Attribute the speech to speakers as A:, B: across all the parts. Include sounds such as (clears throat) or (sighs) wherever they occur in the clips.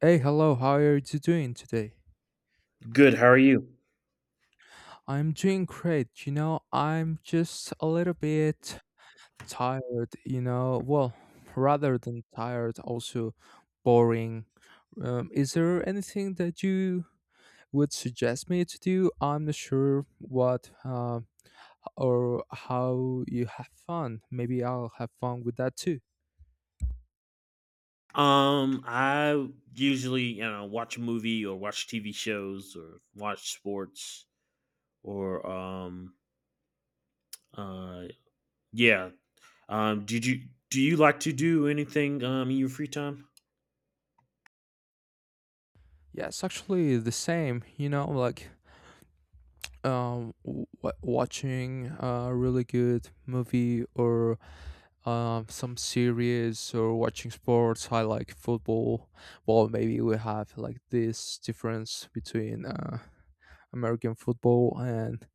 A: Hey, hello, how are you doing today?
B: Good. How are you?
A: I'm doing great. You know, I'm just a little bit tired, you know, well, rather than tired, also boring. Is there anything that you would suggest me to do? I'm not sure what or how you have fun. Maybe I'll have fun with that too.
B: I usually, watch a movie or watch TV shows or watch sports or uh yeah. Did you do you like to do anything in your free time?
A: Yeah, it's actually the same, you know, like um w- watching a really good movie, or some series, or watching sports. I like football. Well, maybe we have like this difference between American football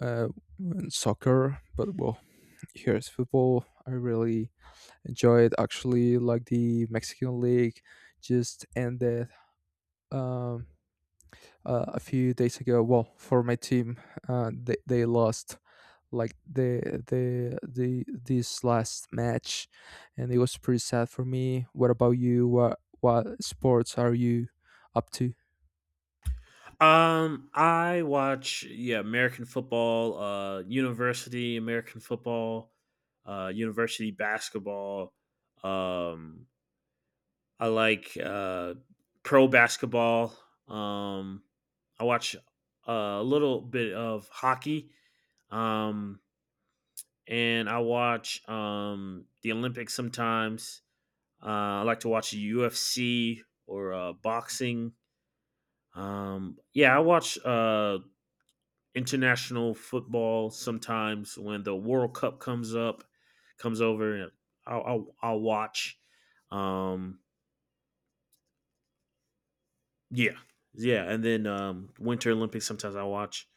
A: uh and soccer, but well, here's football. I really enjoy it. Actually, like the Mexican league just ended um a few days ago. Well, for my team, they lost like the the this last match, and it was pretty sad for me. What about you? What sports are you up to?
B: I watch, yeah, American football, university American football, university basketball. um I like pro basketball. Um, I watch a little bit of hockey, um, and I watch the Olympics sometimes. I like to watch UFC or boxing. Yeah, I watch international football sometimes when the World Cup comes over, and I'll watch. Um, Yeah, yeah, and then Winter Olympics. Sometimes I watch.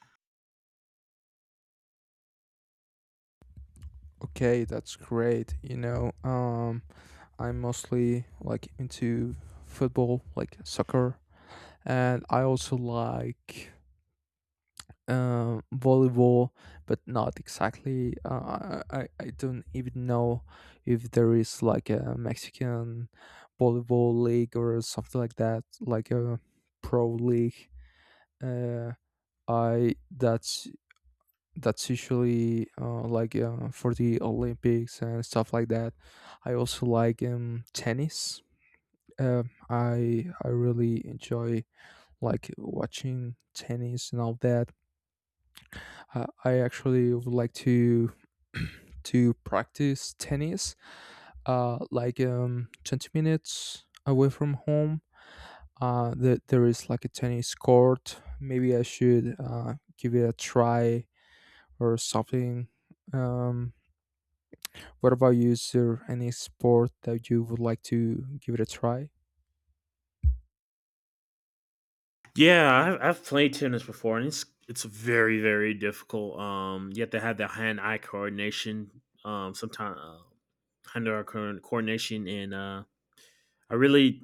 A: Okay, that's great. You know, I'm mostly like into football, like soccer, and I also like volleyball, but not exactly. I don't even know if there is like a Mexican volleyball league or something like that, like a pro league. Uh, I that's usually like for the Olympics and stuff like that. I also like tennis. I really enjoy like watching tennis and all that. I actually would like to (clears throat) to practice tennis, 20 minutes away from home. That there is like a tennis court. Maybe I should give it a try or something. Um, what about you? Is there any sport that you would like to give it a try?
B: Yeah, I've played tennis before, and it's very, very difficult. You have to have the hand eye coordination. Sometimes hand eye coordination, and I really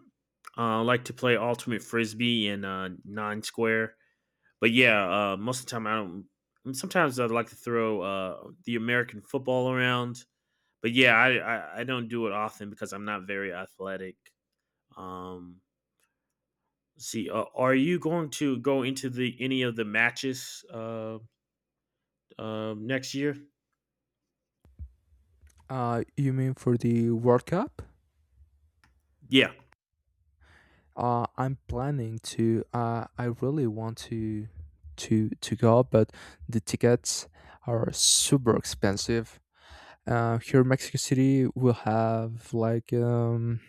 B: like to play ultimate frisbee and nine square. But yeah, most of the time I don't. I mean, sometimes I'd like to throw the American football around, but yeah, I don't do it often because I'm not very athletic. Um, See, are you going to go into the any of the matches next year?
A: You mean for the World Cup?
B: Yeah.
A: I'm planning to. I really want to to go, but the tickets are super expensive. Here in Mexico City, we'll have like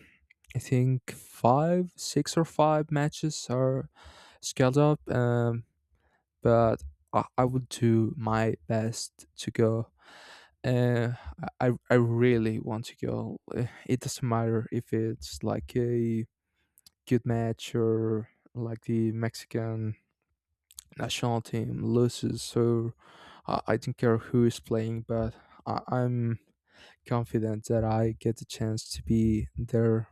A: I think five, six, or five matches are scaled up. But I would do my best to go. Uh, I really want to go. It doesn't matter if it's like a good match or like the Mexican national team loses. So I don't care who is playing, but I'm confident that I get the chance to be there.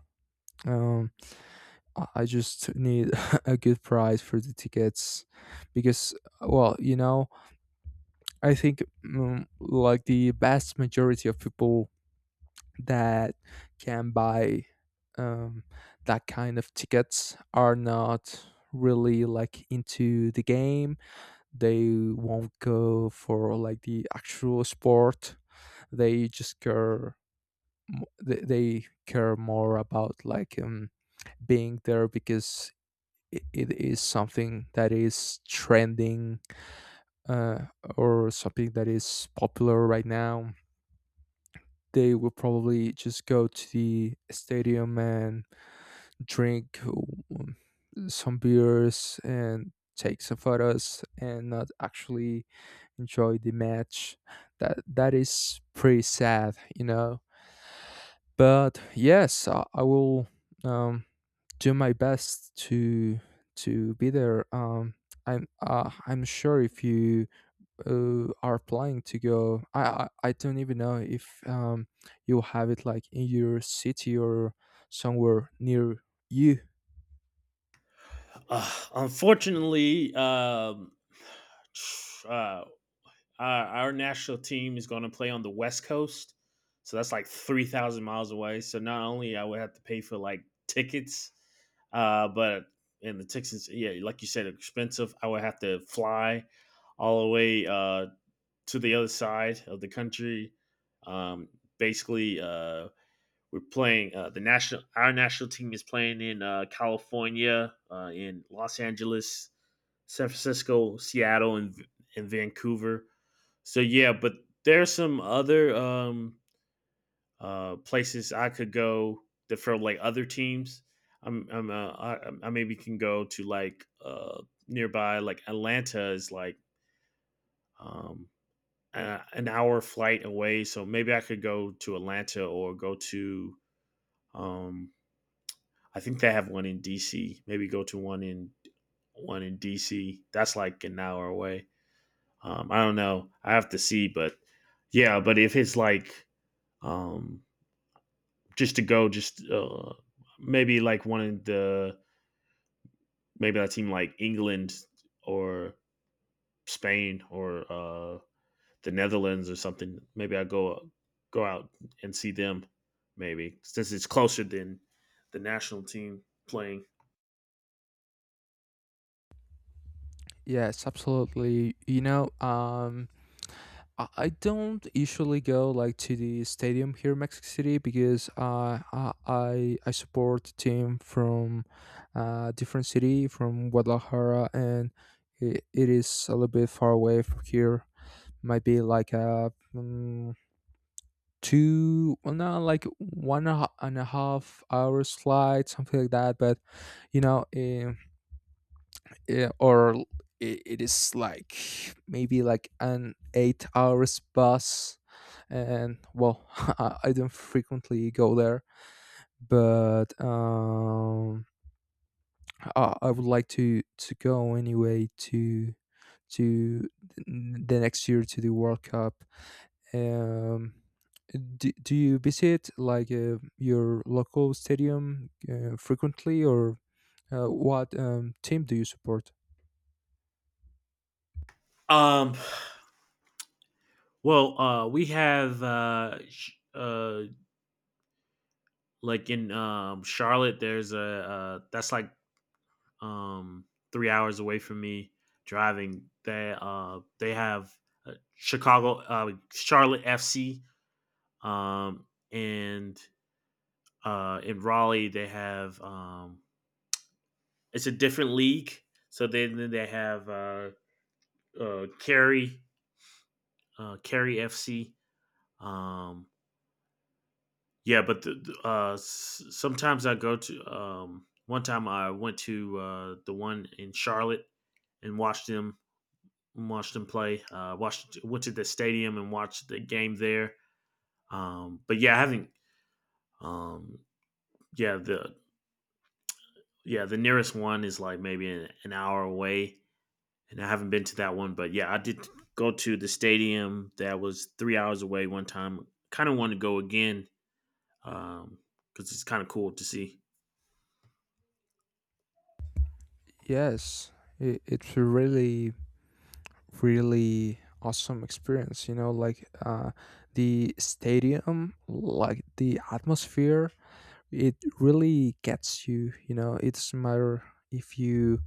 A: Um, I just need (laughs) a good price for the tickets, because, well, you know, I think like the vast majority of people that can buy um, that kind of tickets are not really like into the game. They won't go for like the actual sport. They just care they care more about like being there, because it is something that is trending, uh, or something that is popular right now. They will probably just go to the stadium and drink some beers and take some photos and not actually enjoy the match. That is pretty sad, you know. But yes, I will um, do my best to be there. I'm sure if you are planning to go. I don't even know if you have it like in your city or somewhere near you.
B: Unfortunately, (sighs) uh, our national team is going to play on the West Coast, so that's like 3,000 miles away. So not only I would have to pay for like tickets, but and the tickets, yeah, like you said, expensive. I would have to fly all the way to the other side of the country. Um, Basically, we're playing the national. Our national team is playing in California, in Los Angeles, San Francisco, Seattle, and Vancouver. So yeah, but there's some other places I could go that for like other teams. I'm, I'm uh, I, I maybe can go to like nearby. Like Atlanta is like um, an hour flight away, so maybe I could go to Atlanta or go to um I think they have one in DC. Maybe go to one in DC. That's like an hour away. I don't know. I have to see, but yeah, but if it's like um just to go, just maybe like one of the maybe that team, like England or Spain or the Netherlands or something. Maybe I go out and see them. Maybe since it's closer than the national team playing.
A: Yes, absolutely. You know, I don't usually go like to the stadium here in Mexico City, because I support the team from different city from Guadalajara, and it is a little bit far away from here. Might be like a two, well no, like one and a half hour slide, something like that. But you know, eh, yeah, or I it is like maybe like an 8 hours bus. And well, (laughs) I don't frequently go there. But I would like to go anyway to to th- the next year to the World Cup. Um do, do you visit like your local stadium frequently, or what team do you support?
B: Um. Well, we have uh, like in Charlotte. There's a That's like um 3 hours away from me driving. They have Chicago Charlotte FC, um and in Raleigh they have it's a different league. So then they have uh, Kerry, Kerry FC. Um, yeah, but uh, sometimes I go to. One time I went to the one in Charlotte and watched them play. Watched Went to the stadium and watched the game there. But yeah, I haven't. Um, yeah, the yeah the nearest one is like maybe an hour away. And I haven't been to that one, but yeah, I did go to the stadium that was 3 hours away one time. Kind of want to go again because it's kind of cool to see.
A: Yes, it, it's a really, really awesome experience. You know, like the stadium, like the atmosphere, it really gets you. You know, it doesn't matter if you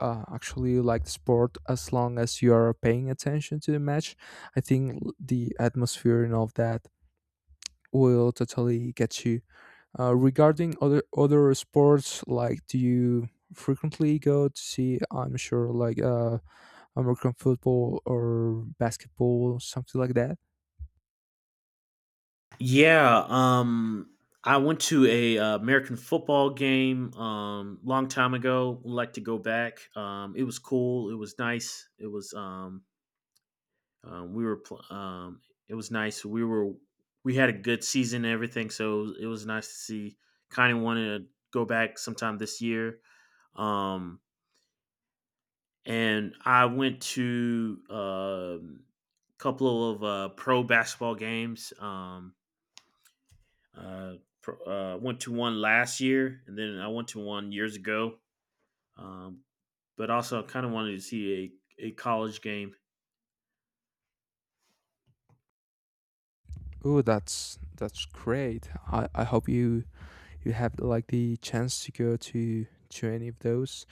A: actually like the sport, as long as you are paying attention to the match. I think the atmosphere and all of that will totally get you. Regarding other sports, like do you frequently go to see? I'm sure like American football or basketball, something like that.
B: Yeah, I went to a American football game long time ago. Would like to go back. It was cool. It was nice. Um, we were pl- um, it was nice. We had a good season and everything, so it was nice to see. Kind of wanted to go back sometime this year. Um, and I went to a couple of pro basketball games. Uh, Went to one last year, and then I went to one years ago. Um, but also, I kind of wanted to see a college game.
A: Oh, that's great. I hope you you have like the chance to go to any of those.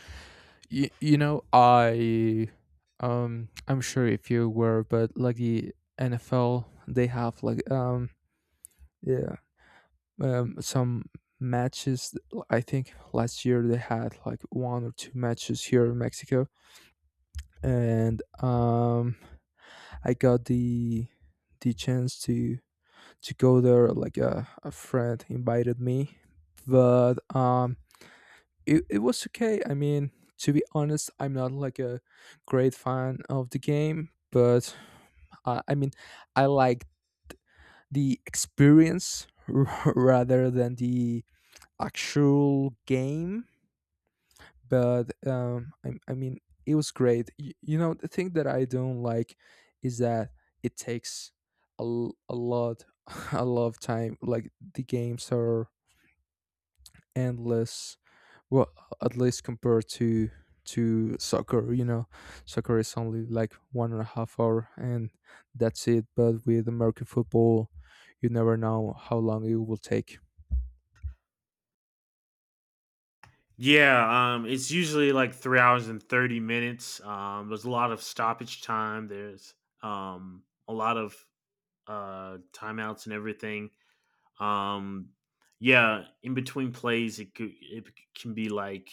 A: You know, I'm sure if you were, but like the NFL, they have like yeah some matches. I think last year they had like one or two matches here in Mexico, and I got the chance to go there. Like a friend invited me, but it it was okay. I mean, to be honest, I'm not like a great fan of the game, but I mean, I like the experience (laughs) rather than the actual game. But I mean, it was great. You know, the thing that I don't like is that it takes a lot, (laughs) a lot of time. Like the games are endless. Well, at least compared to soccer, you know, soccer is only like 1.5 hour, and that's it. But with American football, you never know how long it will take.
B: Yeah, it's usually like 3 hours and 30 minutes. There's a lot of stoppage time. There's a lot of timeouts and everything. Um, yeah, in between plays, it can be like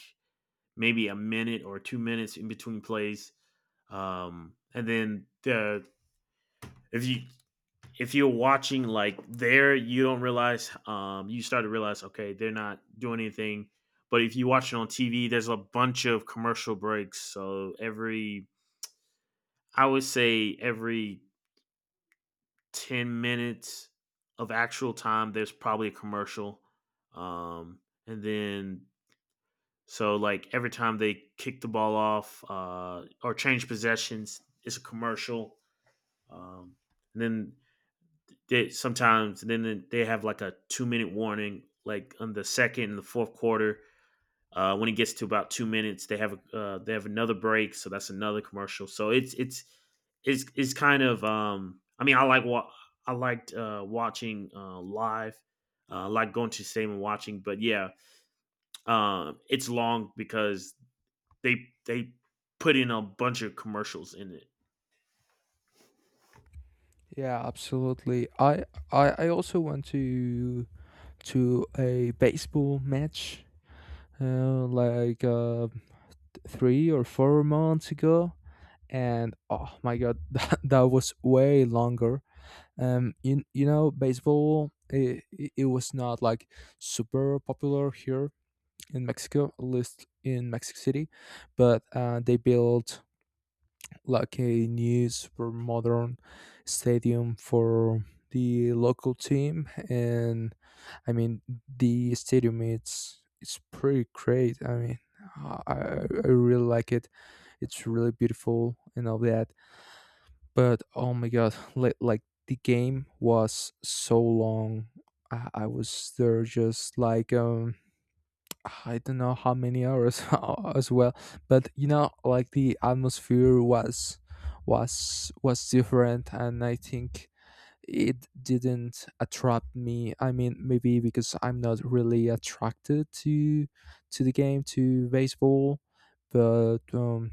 B: maybe a minute or 2 minutes in between plays. And then the if you if you're watching like there, you don't realize. You start to realize, okay, they're not doing anything. But if you watch it on TV, there's a bunch of commercial breaks. So I would say every 10 minutes of actual time, there's probably a commercial. Um, and then, so like every time they kick the ball off or change possessions, it's a commercial. Um, and then they sometimes then they have like a 2 minute warning, like on the second and the fourth quarter. When it gets to about 2 minutes, they have another break, so that's another commercial. So it's kind of I mean I liked watching live, like going to the stadium and watching. But yeah, it's long because they they put in a bunch of commercials in it.
A: Yeah, absolutely. I also want to a baseball match uh, like uh, 3 or 4 months ago, and oh my god, (laughs) that, that was way longer. You, you know, baseball it was not like super popular here in Mexico, at least in Mexico City, but they built like a new super modern stadium for the local team. And I mean, the stadium, it's pretty great. I mean, i i I really like it. It's really beautiful and all that. But oh my god, like the game was so long. I was there just like I don't know how many hours, (laughs) as well. But you know, like the atmosphere was was different, and I think it didn't attract me. I mean, maybe because I'm not really attracted to the game, to baseball. But um,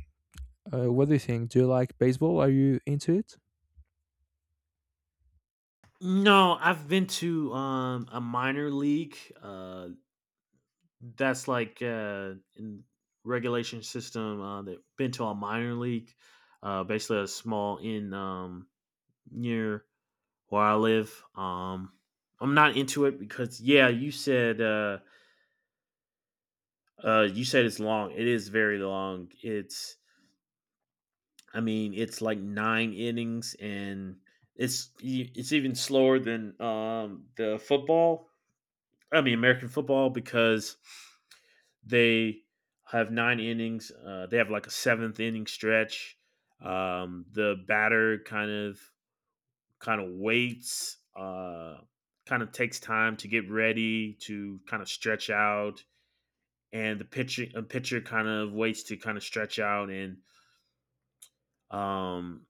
A: uh, what do you think? Do you like baseball? Are you into it?
B: No, I've been to a minor league. That's like in regulation system, that been to a minor league, basically a small in near where I live. I'm not into it because yeah, you said it's long. It is very long. It's I mean, it's like nine innings, and it's even slower than the football. I mean American football because they have nine innings. They have like a seventh inning stretch. The batter kind of waits, kind of takes time to get ready, to kind of stretch out, and the pitcher a pitcher kind of waits to kind of stretch out. And um,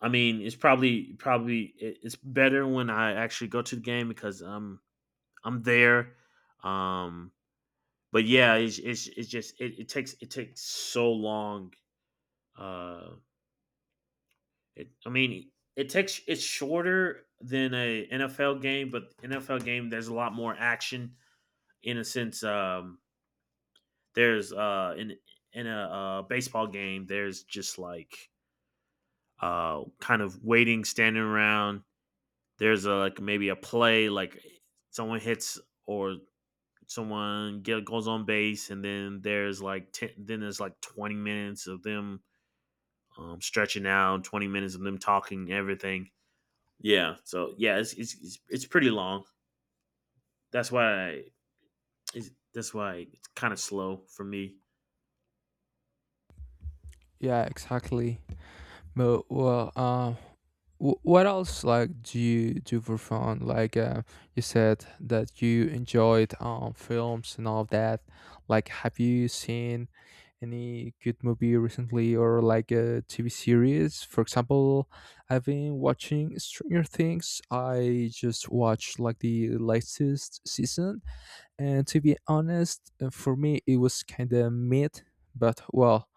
B: I mean, it's probably it's better when I actually go to the game because I'm there. Um, but yeah, it's just it takes so long. Uh, I mean, it's shorter than a NFL game, but NFL game there's a lot more action in a sense. There's in a baseball game there's just like kind of waiting, standing around. There's like maybe a play, like someone hits or goes on base, and then then there's like 20 minutes of them stretching out, 20 minutes of them talking everything. Yeah. So yeah, it's pretty long. That's why I, that's why it's kind of slow for me.
A: Yeah, exactly. But well, what else like do you do for fun? Like you said that you enjoyed films and all of that. Like, have you seen any good movie recently, or like a TV series? For example, I've been watching Stranger Things. I just watched like the latest season, and to be honest, for me it was kind of mid. But well,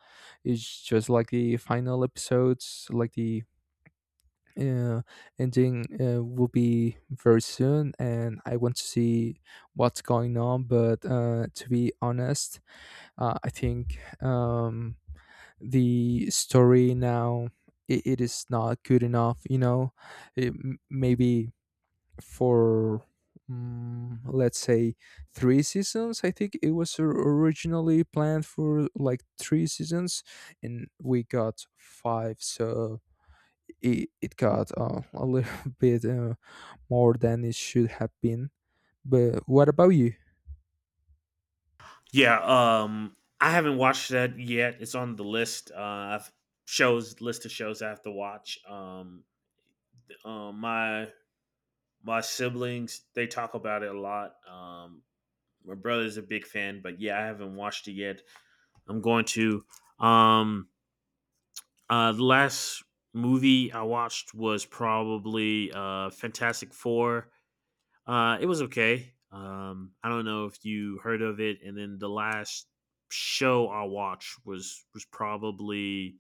A: it's just like the final episodes, like the uh, ending will be very soon, and I want to see what's going on. But to be honest, I think the story now, it is not good enough, you know. Maybe for let's say three seasons. I think it was originally planned for like three seasons, and we got five. So it got a little (laughs) bit more than it should have been. But what about you?
B: Yeah. I haven't watched that yet. It's on the list. I've Shows, list of shows I have to watch. Uh, my my siblings they talk about it a lot. My brother's a big fan, but yeah, I haven't watched it yet. I'm going to. Um, the last movie I watched was probably Fantastic Four. It was okay. I don't know if you heard of it, and then the last show I watched was probably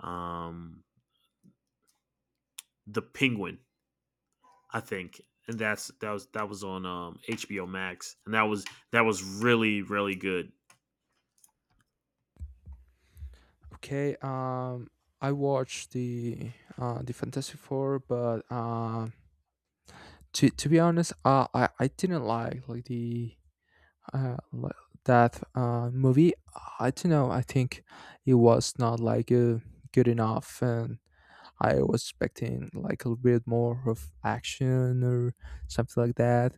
B: um, the Penguin, I think, and that was on HBO Max, and that was really, really good.
A: Okay, I watched the Fantastic Four, but to be honest, I didn't like the uh li- that movie. I don't know. I think it was not like good enough, and I was expecting like a little bit more of action or something like that,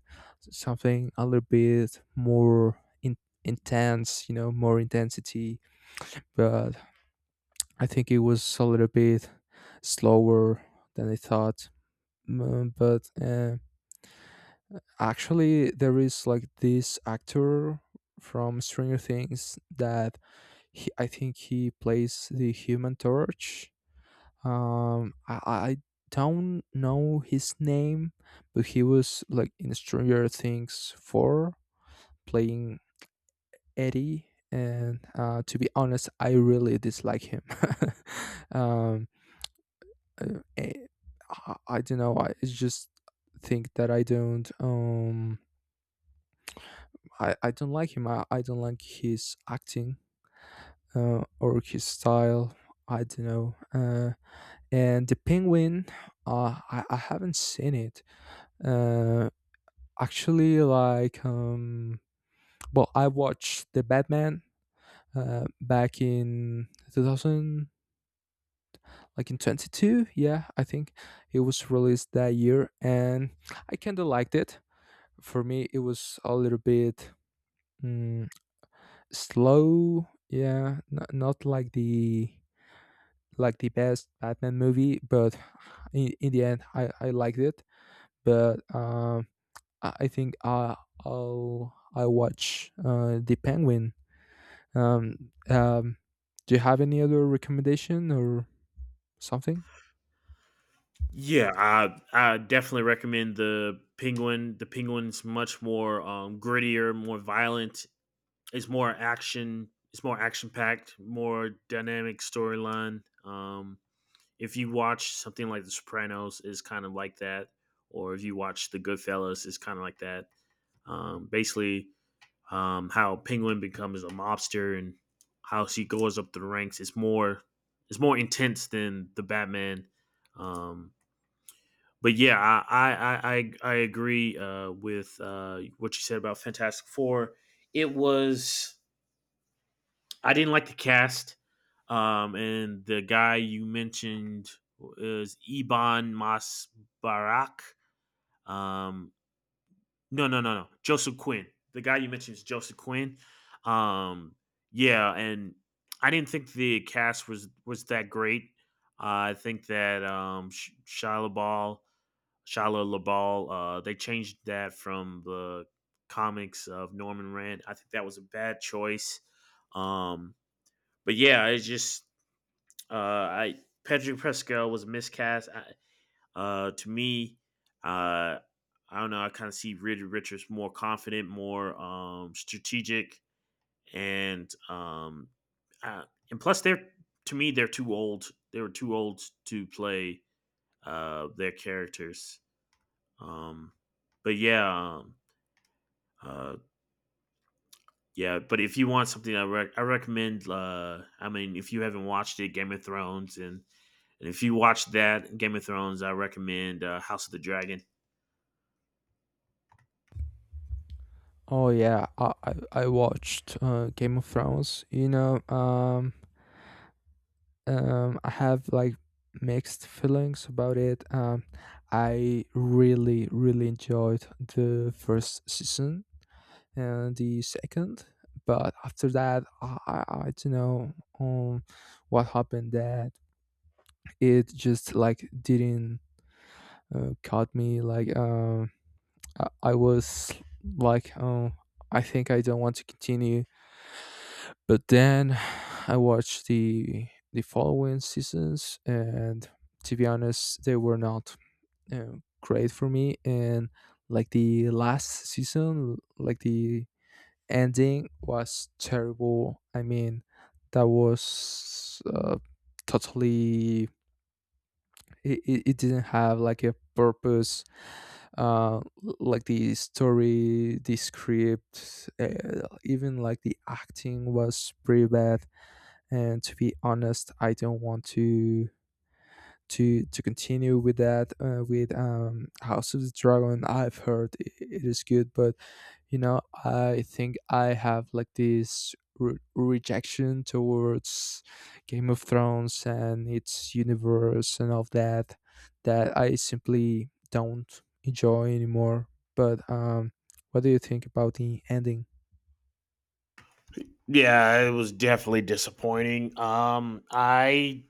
A: something a little bit more intense, you know, more intensity. But I think it was a little bit slower than I thought. But actually, there is like this actor from Stranger Things, that he, I think he plays the Human Torch. I don't know his name, but he was like in Stranger Things 4 playing Eddie. And to be honest, I really dislike him. (laughs) um, uh, eh, I don't know. I just think that I don't. I don't like him. I don't like his acting or his style. I don't know. And the Penguin, I haven't seen it. Uh, actually, like, um, well, I watched the Batman back in 2000, like in 22. Yeah, I think it was released that year, and I kind of liked it. For me, it was a little bit mm, slow. Yeah, not like the like the best Batman movie, but in the end, I liked it. But I I think I, I'll I watch the Penguin. Um, um, do you have any other recommendation or something?
B: Yeah, I definitely recommend the Penguin. The Penguin's much more grittier, more violent. It's more action. It's more action packed, more dynamic storyline. If you watch something like The Sopranos, is kind of like that, or if you watch The Goodfellas, is kind of like that. Basically, how Penguin becomes a mobster and how she goes up the ranks is more it's more intense than the Batman. Um, but yeah, I agree with what you said about Fantastic Four. It was I didn't like the cast. And the guy you mentioned is Iban Masbarak. Um, no, no, no, no. Joseph Quinn. The guy you mentioned is Joseph Quinn. Um, yeah, and I didn't think the cast was that great. I think that Shia LaBeouf, Shia LaBeouf, they changed that from the comics of Norman Rand. I think that was a bad choice. Um, but yeah, it's just I Patrick Pascal was a miscast. To me, uh, I don't know. I kind of see Reed Richards more confident, more strategic, and uh, plus they're to me they're too old. They were too old to play their characters. Um, but yeah, uh, yeah. But if you want something, I recommend. I mean, if you haven't watched it, Game of Thrones. And if you watch that Game of Thrones, I recommend House of the Dragon.
A: Oh yeah, I watched Game of Thrones. You know, I have like mixed feelings about it. I really really enjoyed the first season and the second, but after that, I don't know um, what happened. That it just like didn't caught me like I was like, oh, I think I don't want to continue, but then (sighs) I watched the following seasons, and to be honest they were not uh, great for me. And like the last season, like the ending was terrible. I mean, that was totally, it didn't have like a purpose, uh like the story, the script, even like the acting was pretty bad. And to be honest, I don't want to to continue with that, with House of the Dragon. I've heard I it is good, but you know, I think I have like this rejection towards Game of Thrones and its universe and all that, that I simply don't enjoy anymore. But what do you think about the ending?
B: Yeah, it was definitely disappointing. I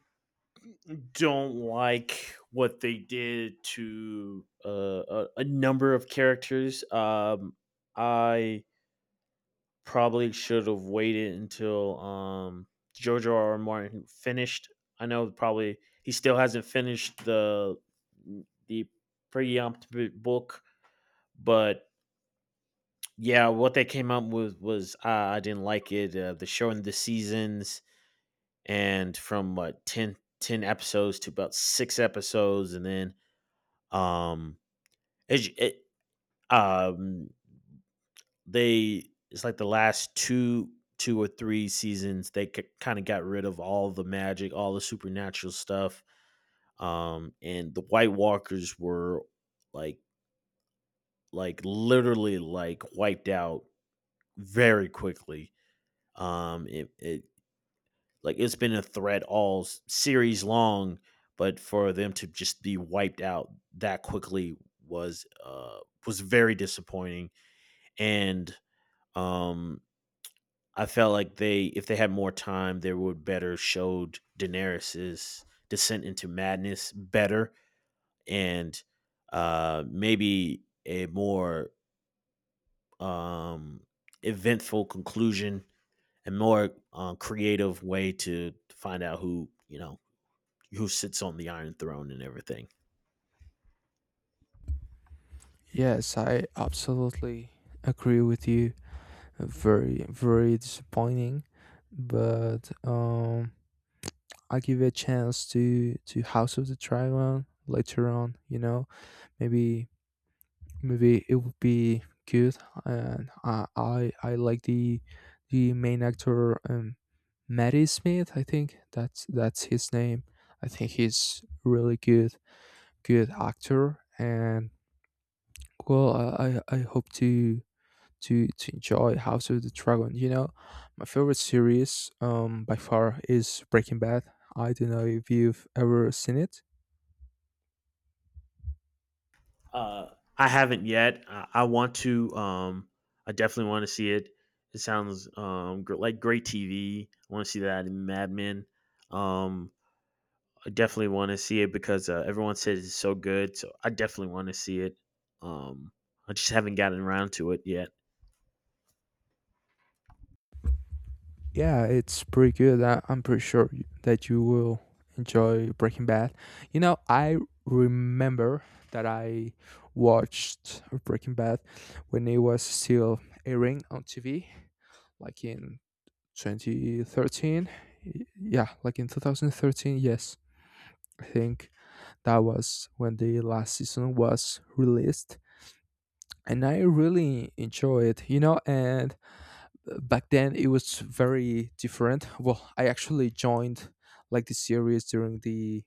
B: don't like what they did to a number of characters. I probably should have waited until George R. R. Martin finished. I know probably he still hasn't finished the preemptive book, but yeah, what they came up with was I didn't like it. The show in the seasons, and from what 10 episodes to about 6 episodes, and then um, it, it um it's like the last two or three seasons they kind of got rid of all the magic, all the supernatural stuff. And the White Walkers were like like literally like wiped out very quickly. It, it Like, it's been a threat all series long, but for them to just be wiped out that quickly was uh was very disappointing. And um I felt like, they if they had more time, they would better showed Daenerys's descent into madness better, and maybe a more um eventful conclusion, and more creative way to find out who, who sits on the Iron Throne and everything.
A: Yes, I absolutely agree with you. Very very disappointing, but I give a chance to House of the Dragon later on, you know. Maybe maybe it would be good. And I like the main actor, Maddie Smith, I think that's his name. I think he's really good, good actor. And well, I hope to to enjoy House of the Dragon. You know, my favorite series by far is Breaking Bad. I don't know if you've ever seen it.
B: Uh, I haven't yet. I want to. I definitely want to see it. It sounds like great TV. I want to see that in Mad Men. Um, I definitely want to see it because everyone says it's so good. So I definitely want to see it. Um, I just haven't gotten around to it yet.
A: Yeah, it's pretty good. I'm pretty sure that you will enjoy Breaking Bad. You know, I remember that I watched Breaking Bad when it was still airing on TV, like in 2013. Yeah, like in 2013. Yes, I think that was when the last season was released, and I really enjoy it. You know, and back then it was very different. Well, I actually joined like the series during the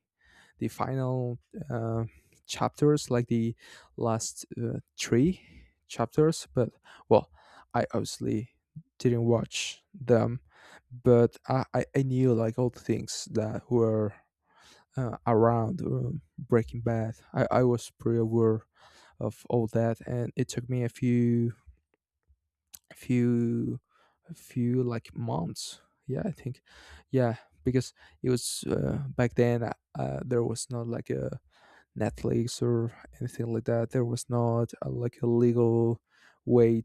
A: final uh, chapters, like the last three chapters. But well, I obviously didn't watch them, but I knew like all the things that were around Breaking Bad. I was pretty aware of all that, and it took me a few, a few, a few like months. Yeah, I think, yeah, because it was back then. There was not like a Netflix or anything like that. There was not a, like a legal way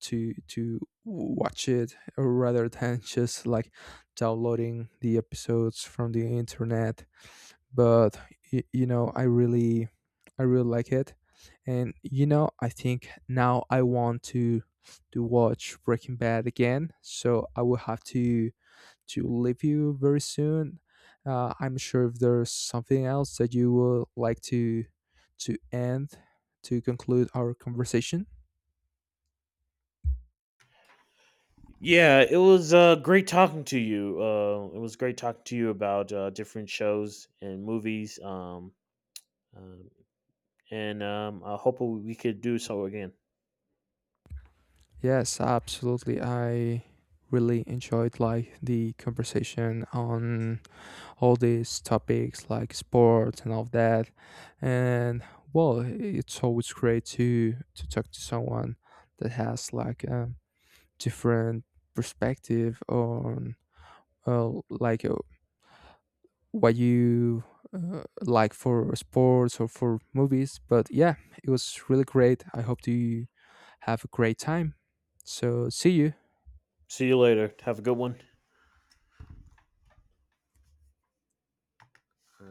A: to watch it rather than (laughs) just like downloading the episodes from the internet. But you know, I really I really like it. And you know, I think now I want to watch Breaking Bad again, so I will have to leave you very soon. I'm sure if there's something else that you would like to end, to conclude our conversation.
B: Yeah, it was great talking to you. It was great talking to you about different shows and movies. Uh, and I hope we could do so again.
A: Yes, absolutely, I really enjoyed like the conversation on all these topics like sports and all that. And well, it's always great to talk to someone that has like a different perspective on, uh, like uh, what you, like for sports or for movies. But yeah, it was really great. I hope you have a great time. So see you.
B: See you later. Have a good one.